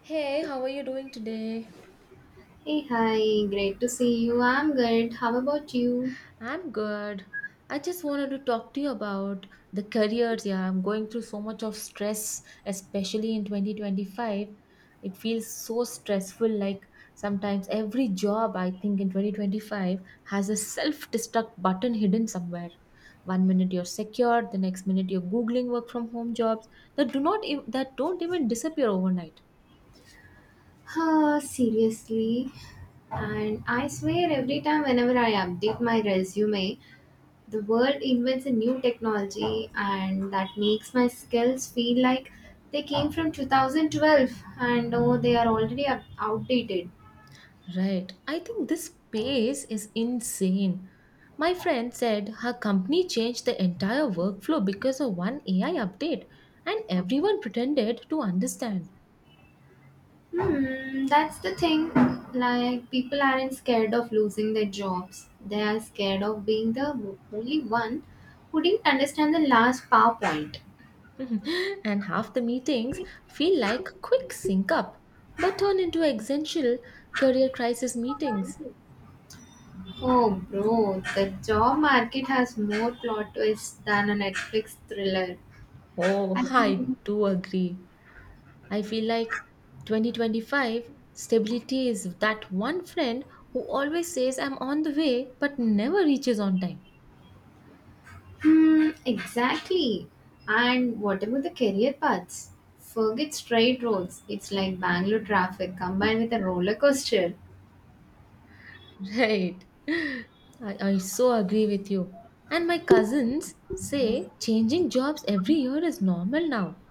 Hey, how are you doing today? Hey, hi, great to see you. I'm good. How about you? I'm good. I just wanted to talk to you about the careers. Yeah, I'm going through so much of stress, especially in 2025. It feels so stressful. Like sometimes every job I think in 2025 has a self destruct button hidden somewhere. One minute you're secure, the next minute you're googling work from home jobs that do not ev- that don't even disappear overnight. Huh, seriously. And I swear, every time whenever I update my resume, the world invents a new technology, and that makes my skills feel like they came from 2012 and oh, they are already outdated. Right. I think this pace is insane. My friend said her company changed the entire workflow because of one AI update, and everyone pretended to understand. That's the thing. Like, people aren't scared of losing their jobs. They are scared of being the only one who didn't understand the last PowerPoint. And half the meetings feel like quick sync up, but turn into essential career crisis meetings. Oh, bro, the job market has more plot twists than a Netflix thriller. Oh, I I mean, do agree. I feel like 2025 stability is that one friend who always says I'm on the way but never reaches on time. Exactly. And whatever the career paths, forget straight roads. It's like Bangalore traffic combined with a roller coaster. Right. I so agree with you. And my cousins say changing jobs every year is normal now.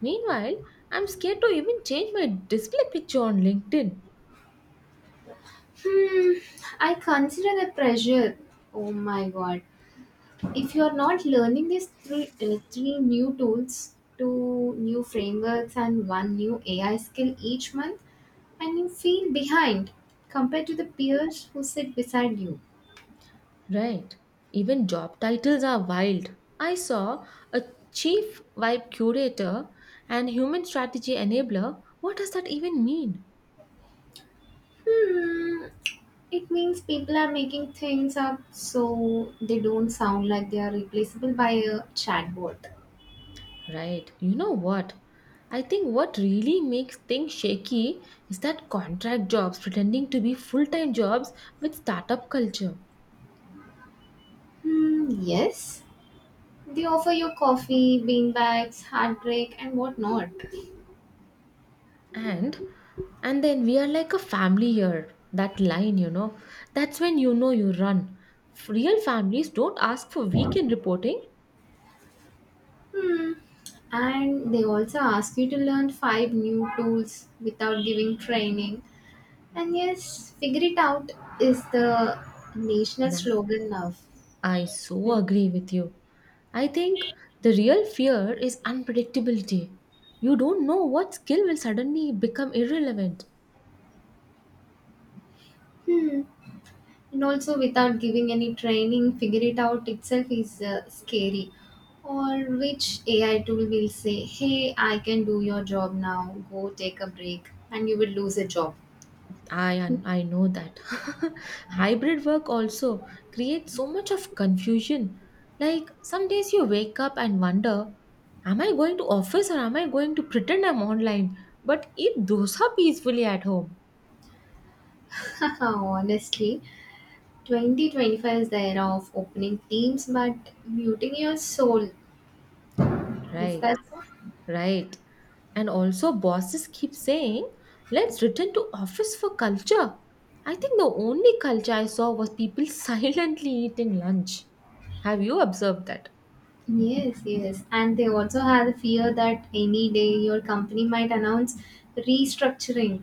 Meanwhile, I'm scared to even change my display picture on LinkedIn. Hmm, I consider the pressure. Oh my god. If you're not learning these three new tools, two new frameworks, and one new AI skill each month, and you feel behind compared to the peers who sit beside you. Right. Even job titles are wild. I saw a chief vibe curator and human strategy enabler. What does that even mean? Hmm, it means people are making things up so they don't sound like they are replaceable by a chatbot. Right. You know what? I think what really makes things shaky is that contract jobs pretending to be full-time jobs with startup culture. Hmm, yes, they offer you coffee, beanbags, heartbreak, and whatnot. And and then we are like a family here. That line. That's when you know you run. Real families don't ask for weekend reporting. Hmm. And they also ask you to learn 5 new tools without giving training. And yes, figure it out is the national Nah, slogan now. I so Like, agree with you. I think the real fear is unpredictability. You don't know what skill will suddenly become irrelevant. hmm. And also, without giving any training, figure it out itself is scary. Or which AI tool will say, hey, I can do your job now, go take a break, and you will lose a job. I know that. Hybrid work also creates so much of confusion. Like some days you wake up and wonder, am I going to office or am I going to pretend I'm online but eat dosa peacefully at home? Honestly, 2025 is the era of opening teams but muting your soul. Is Right. that so? Right. And also bosses keep saying, let's return to office for culture. I think the only culture I saw was people silently eating lunch. Have you observed that? Yes, yes. And they also have the fear that any day your company might announce restructuring.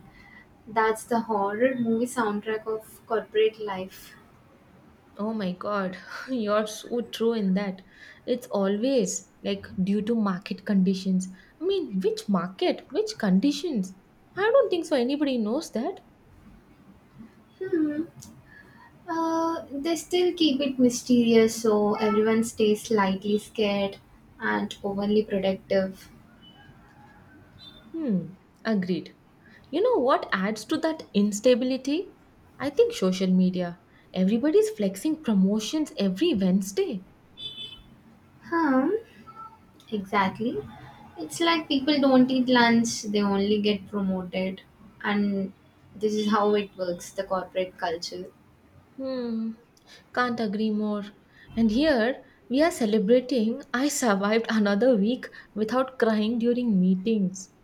That's the horror movie soundtrack of corporate life. Oh my God, you're so true in that. It's always like due to market conditions. I mean, which market? Which conditions? I don't think so. Anybody knows that. Hmm. They still keep it mysterious so everyone stays slightly scared and overly productive. Hmm, agreed. You know what adds to that instability? I think social media. Everybody's flexing promotions every Wednesday. Huh? Exactly. It's like people don't eat lunch, they only get promoted. And this is how it works the corporate culture. Hmm, can't agree more. And here we are celebrating I survived another week without crying during meetings.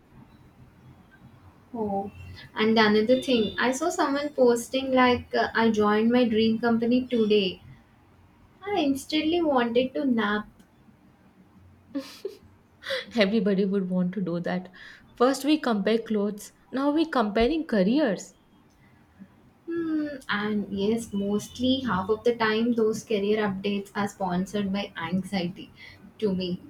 Oh, and another thing, I saw someone posting like, I joined my dream company today. I instantly wanted to nap. Everybody would want to do that. First, we compare clothes. Now, we're comparing careers. Hmm, and yes, mostly half of the time, those career updates are sponsored by anxiety to me.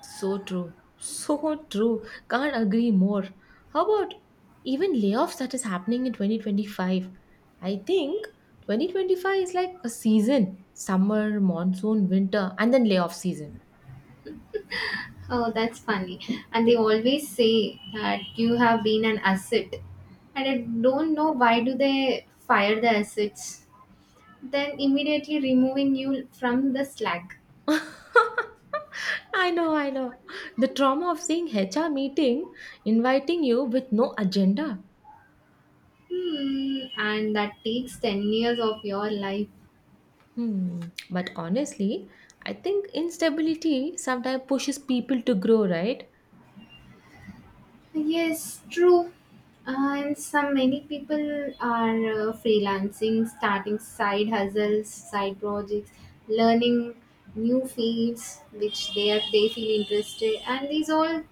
So true. So true. Can't agree more. How about even layoffs that is happening in 2025? I think 2025 is like a season summer, monsoon, winter, and then layoff season. Oh, that's funny. And they always say that you have been an asset. And I don't know why do they fire the assets, then immediately removing you from the slack. I know. The trauma of seeing HR meeting inviting you with no agenda. Hmm, and that takes 10 years of your life. Hmm. But honestly, I think instability sometimes pushes people to grow, right? Yes, true. And some many people are freelancing, starting side hustles, side projects, learning new fields which they feel interested, and these all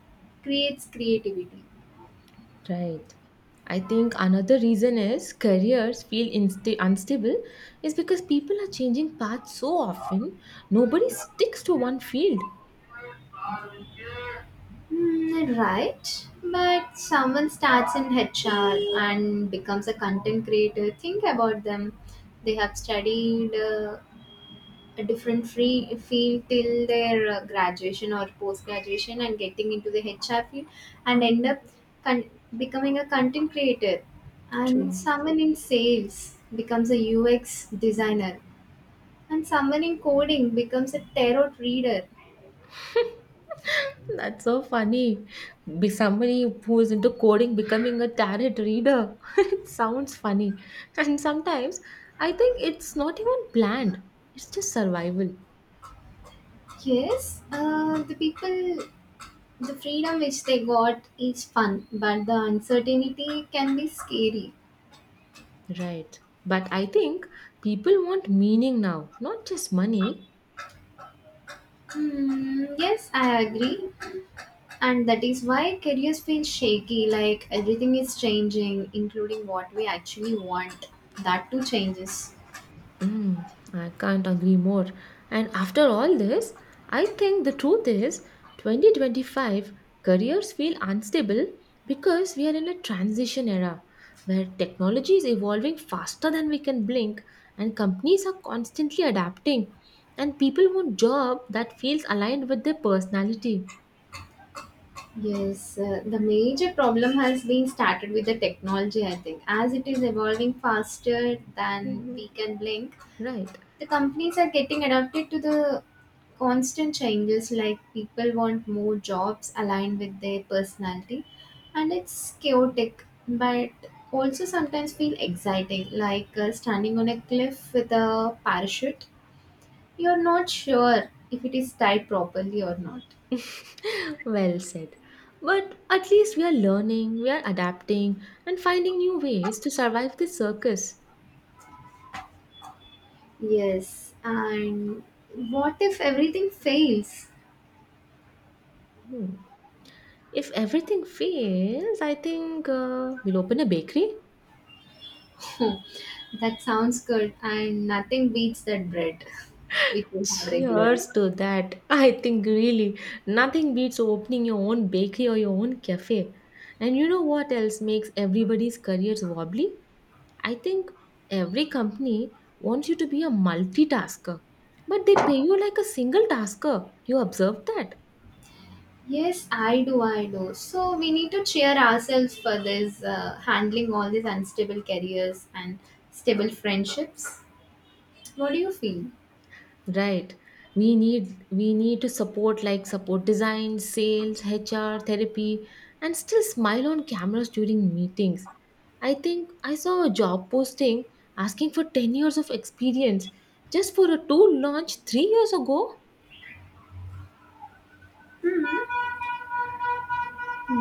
creates creativity. Right. I think another reason is careers feel unstable is because people are changing paths so often, nobody sticks to one field. Hmm, right, but someone starts in HR and becomes a content creator. Think about them. They have studied a different free field till their graduation or post graduation and getting into the HR field and end Hmm. up con- becoming a content creator, and True. someone in sales becomes a UX designer, and someone in coding becomes a tarot reader. That's so funny. Be somebody who is into coding becoming a tarot reader. It sounds funny. And sometimes I think it's not even planned, it's just survival. Yes, the people, the freedom which they got is fun but the uncertainty can be scary. Right. But I think people want meaning now, not just money. Hmm, yes, I agree. And that is why careers feel shaky, like everything is changing, including what we actually want. That too changes. Mm, I can't agree more. And after all this, I think the truth is 2025 careers feel unstable because we are in a transition era where technology is evolving faster than we can blink and companies are constantly adapting and people want job that feels aligned with their personality. Yes, the major problem has been started with the technology, I think, as it is evolving faster than we can blink. Right. The companies are getting adapted to the constant changes, like people want more jobs aligned with their personality, and it's chaotic but also sometimes feel exciting like standing on a cliff with a parachute. You're not sure if it is tied properly or not. Well said. But at least we are learning, we are adapting, and finding new ways to survive this circus. Yes, and what if everything fails? Hmm. If everything fails, I think we'll open a bakery. Hmm, that sounds good and nothing beats that bread which we have regularly. Cheers to that. I think really nothing beats opening your own bakery or your own cafe. And you know what else makes everybody's careers wobbly? I think every company wants you to be a multitasker, but they pay you like a single tasker. You observed that? Yes, I do. I do. So we need to cheer ourselves for this handling all these unstable careers and stable friendships. What do you feel? Right. We need to support like support design, sales, HR, therapy, and still smile on cameras during meetings. I think I saw a job posting asking for 10 years of experience just for a tool launched 3 years ago.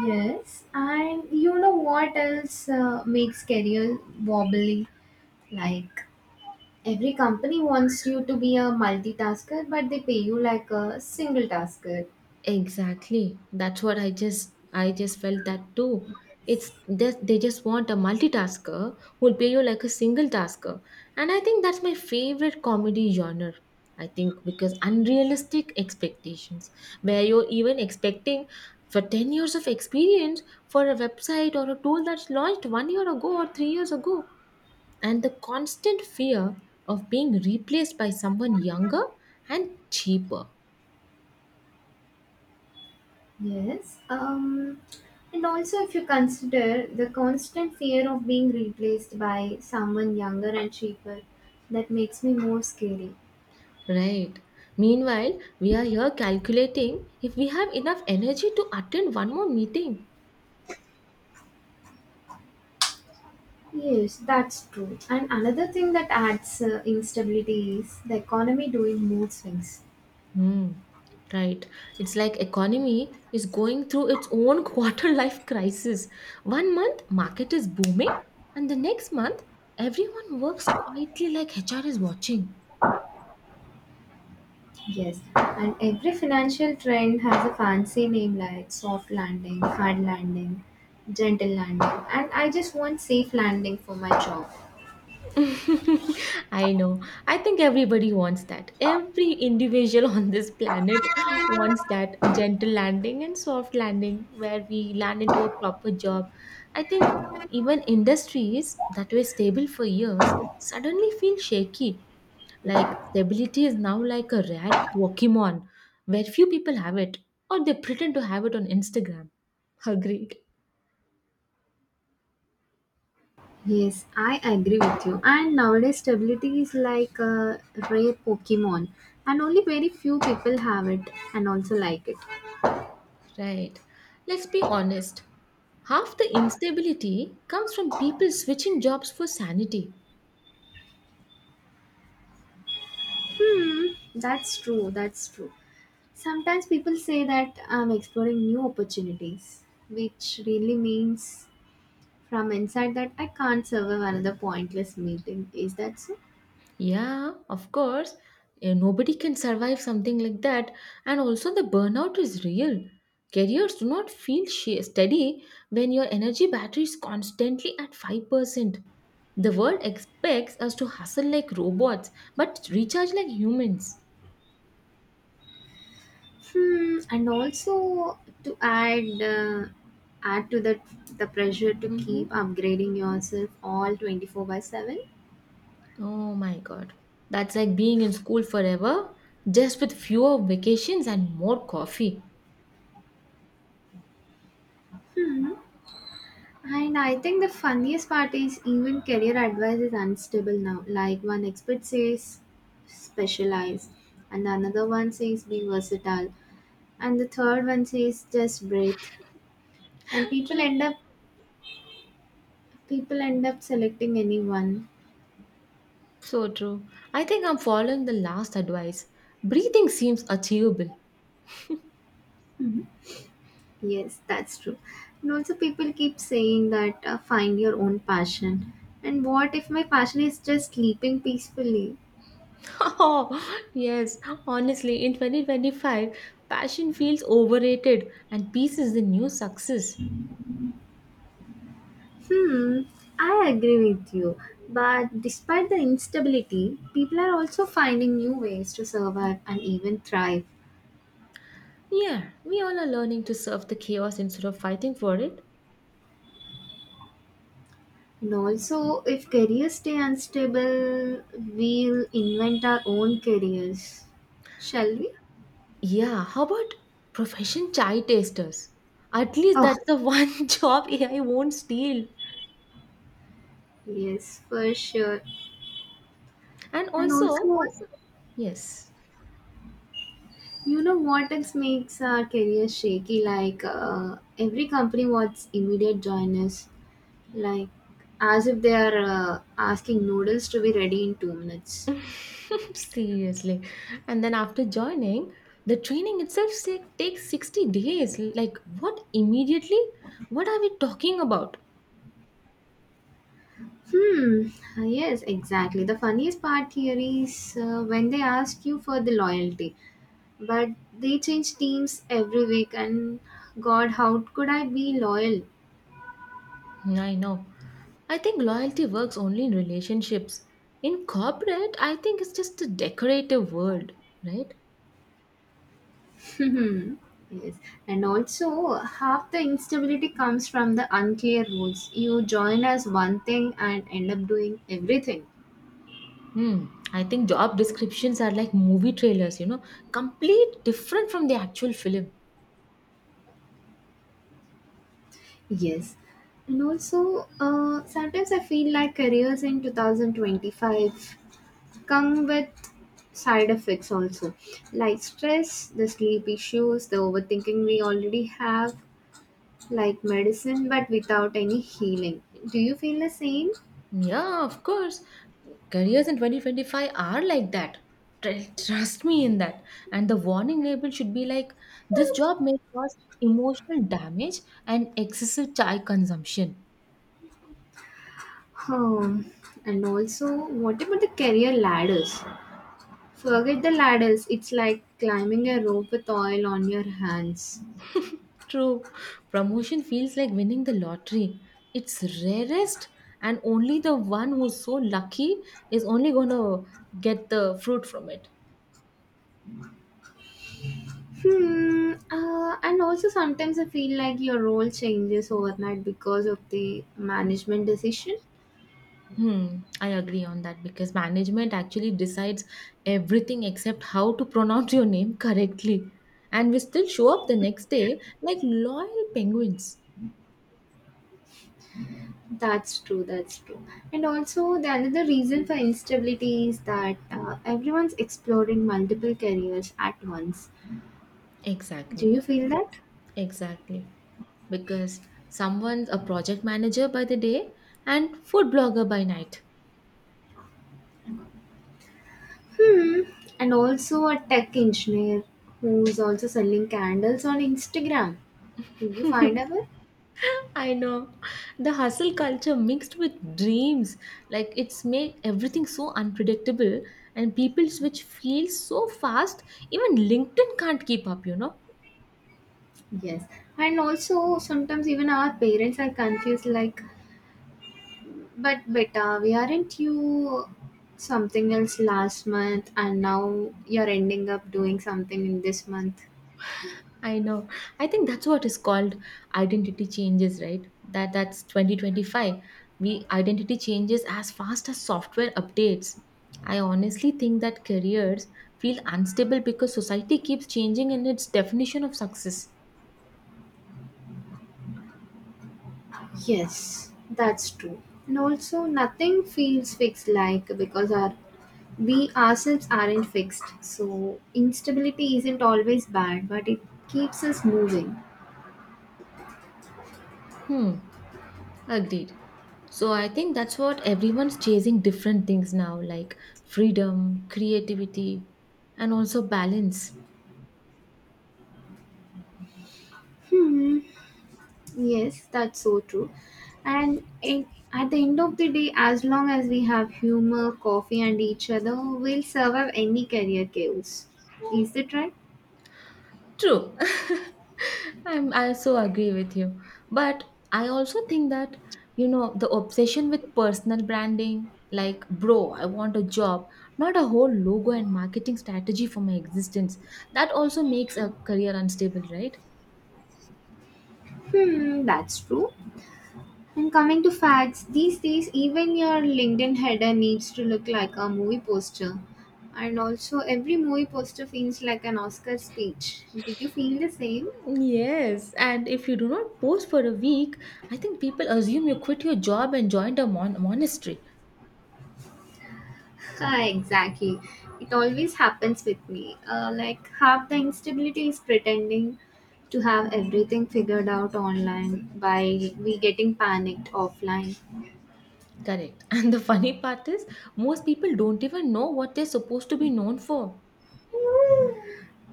Yes, and you know what else makes career wobbly? Like every company wants you to be a multitasker, but they pay you like a single tasker. Exactly. That's what I just felt that too. It's they just want a multitasker who'll pay you like a single tasker. And I think that's my favorite comedy genre. I think because unrealistic expectations where you're even expecting for 10 years of experience for a website or a tool that's launched 1 year ago or 3 years ago and the constant fear of being replaced by someone younger and cheaper. Yes. And also, if you consider the constant fear of being replaced by someone younger and cheaper, that makes me more scary. Right. Meanwhile, we are here calculating if we have enough energy to attend one more meeting. Yes, that's true. And another thing that adds instability is the economy doing mood swings. Hmm. Right. It's like economy is going through its own quarter life crisis. One month market is booming and the next month everyone works quietly like HR is watching. Yes, and every financial trend has a fancy name like soft landing, hard landing, gentle landing, and I just want safe landing for my job. I know. I think everybody wants that. Every individual on this planet wants that gentle landing and soft landing where we land into a proper job. I think even industries that were stable for years suddenly feel shaky. Like stability is now like a rare Pokemon where few people have it or they pretend to have it on Instagram. Agreed. Yes, I agree with you. And nowadays, stability is like a rare Pokemon, and only very few people have it and also like it. Right. Let's be honest. Half the instability comes from people switching jobs for sanity. Hmm, that's true. That's true. Sometimes people say that I'm exploring new opportunities, which really means from inside that I can't survive another pointless meeting. Is that so? Yeah, of course. Nobody can survive something like that. And also, the burnout is real. Careers do not feel steady when your energy battery is constantly at 5%. The world expects us to hustle like robots but recharge like humans. Hmm, and also to add to that the pressure to keep Mhm. upgrading yourself all 24 by 7. Oh my god. That's like being in school forever, just with fewer vacations and more coffee. And I think the funniest part is even career advice is unstable now. Like one expert says specialize, and another one says be versatile, and the third one says just breathe. And True. People end up selecting anyone. So true. I think I'm following the last advice. Breathing seems achievable. Yes, that's true. And also people keep saying that find your own passion. And what if my passion is just sleeping peacefully? Oh, yes. Honestly, in 2025, passion feels overrated and peace is the new success. Hmm, I agree with you. But despite the instability, people are also finding new ways to survive and even thrive. Yeah, we all are learning to serve the chaos instead of fighting for it. And also, if careers stay unstable, we'll invent our own careers. Shall we? Yeah, how about profession chai tasters? At least Oh, that's the one job AI won't steal. yes, for sure. And And also, also, yes, you know what else makes our career shaky? Like, every company wants immediate joiners. Like, as if they are asking noodles to be ready in 2 minutes. seriously. And then after joining, the training itself say, takes 60 days. Like, what immediately? What are we talking about? Hmm, yes, exactly. The funniest part here is when they ask you for the loyalty, but they change teams every week, and God, how could I be loyal? I know. I think loyalty works only in relationships. In corporate, I think it's just a decorative word, right? Hmm, yes, and also half the instability comes from the unclear rules. You join as one thing and end up doing everything. Hmm. I think job descriptions are like movie trailers, you know, complete different from the actual film. Yes. And also, sometimes I feel like careers in 2025 come with side effects also, like stress, the sleep issues, the overthinking we already have, like medicine, but without any healing. Do you feel the same? Yeah, of course. Careers in 2025 are like that. Trust me in that. And the warning label should be like this job may cause emotional damage and excessive chai consumption. Hmm. And also, what about the career ladders? Forget the ladders, it's like climbing a rope with oil on your hands. True. Promotion feels like winning the lottery. It's rarest, and only the one who's so lucky is only going to get the fruit from it. Hmm. And also sometimes I feel like your role changes overnight because of the management decision. Hmm, I agree on that because management actually decides everything except how to pronounce your name correctly. And we still show up the next day like loyal penguins. That's true. That's true. And also the another reason for instability is that everyone's exploring multiple careers at once. Do Exactly, you feel that? exactly. Because someone's a project manager by the day and food blogger by night. Hmm. And also a tech engineer who's also selling candles on Instagram. Did you find ever? I know. The hustle culture mixed with dreams. Like it's made everything so unpredictable and people switch fields so fast, even LinkedIn can't keep up, you know. Yes. And also sometimes even our parents are confused like, but Beta, we aren't you something else last month and now you're ending up doing something in this month? I know. I think that's what is called identity changes, right? That that's 2025. We identity changes as fast as software updates. I honestly think that careers feel unstable because society keeps changing in its definition of success. Yes, that's true. And also, nothing feels fixed like because our we ourselves aren't fixed. So instability isn't always bad, but it keeps us moving. Hmm, agreed. So I think that's what everyone's chasing different things now like freedom, creativity, and also balance. Hmm. Yes, that's so true. And it, at the end of the day, as long as we have humor, coffee, and each other, we'll survive any career chaos. Is that right? True. I also agree with you. But I also think that, you know, the obsession with personal branding, like, bro, I want a job, not a whole logo and marketing strategy for my existence, that also makes a career unstable, right? Hmm, that's true. And coming to facts, these days, even your LinkedIn header needs to look like a movie poster. And also, every movie poster feels like an Oscar speech. Did you feel the same? Yes, and if you do not post for a week, I think people assume you quit your job and joined a monastery. Ah, exactly. It always happens with me. Like half the instability is pretending to have everything figured out online by we getting panicked offline. Correct. And the funny part is, most people don't even know what they're supposed to be known for.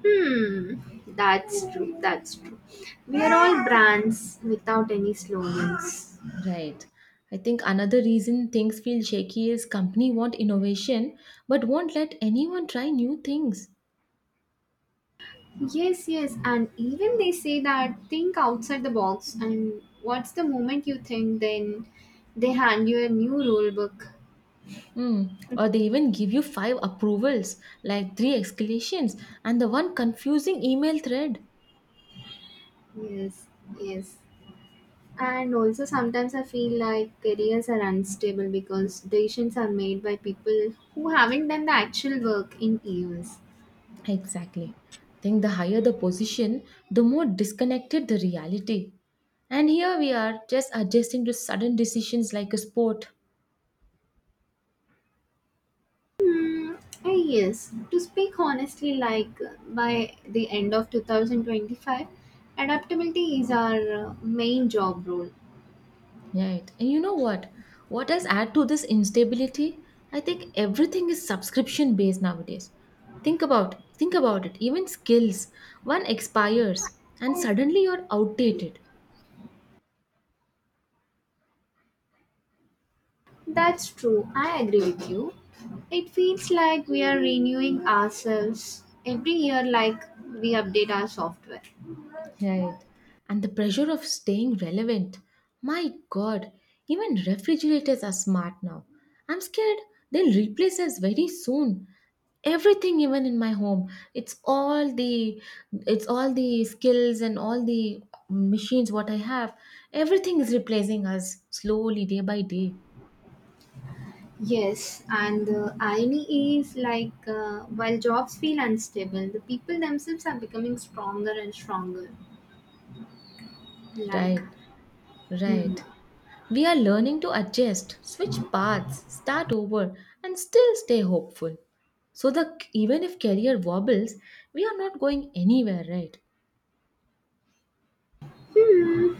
Hmm, that's true. That's true. We are all brands without any slogans. Right. I think another reason things feel shaky is company want innovation but won't let anyone try new things. Yes, yes, and even they say that think outside the box, and what's the moment you think, then they hand you a new rule book. Hmm. Or they even give you five approvals, like three escalations, and the one confusing email thread. Yes, yes. And also, sometimes I feel like careers are unstable because decisions are made by people who haven't done the actual work in years. Exactly. I think the higher the position, the more disconnected the reality. And here we are just adjusting to sudden decisions like a sport. Hmm, yes, to speak honestly, like by the end of 2025, adaptability is our main job role. Right. And you know what? What does add to this instability? I think everything is subscription based nowadays. Think about it. Even skills, one expires and suddenly you're outdated. That's true, I agree with you. It feels like we are renewing ourselves every year, like we update our software. Right. And the pressure of staying relevant. My God, even refrigerators are smart now. I'm scared they'll replace us very soon. Everything even in my home, it's all the skills and all the machines what I have. Everything is replacing us slowly day by day. Yes, and the irony is like while jobs feel unstable, the people themselves are becoming stronger and stronger. Like, Right. hmm. Right. We are learning to adjust, switch paths, start over, and still stay hopeful. So the even if career wobbles, we are not going anywhere, right? Hmm.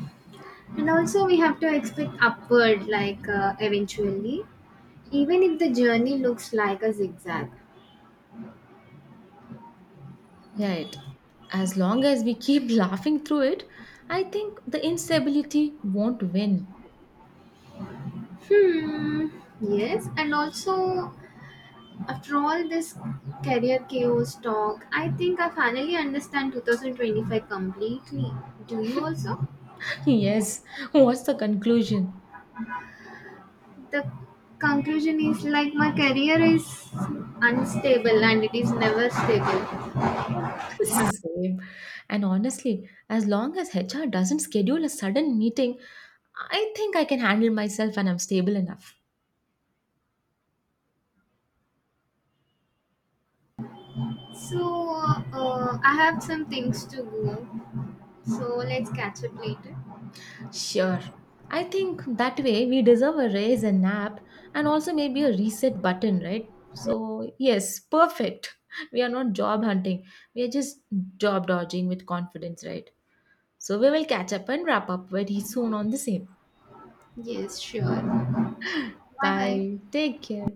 And also, we have to expect upward, like, eventually, even if the journey looks like a zigzag. Right. As long as we keep laughing through it, I think the instability won't win. Hmm. Yes, and also, after all this career chaos talk, I think I finally understand 2025 completely. Do you also? Yes. What's the conclusion? The conclusion is like my career is unstable and it is never stable. Same. And honestly, as long as HR doesn't schedule a sudden meeting, I think I can handle myself and I'm stable enough. So I have some things to go, so let's catch up later. Sure. I think that way we deserve a raise, a nap, and also maybe a reset button, right? So, yes, perfect. We are not job hunting, we are just job dodging with confidence, right? So, we will catch up and wrap up very soon on the same. Yes, sure. Bye bye. Bye. Take care.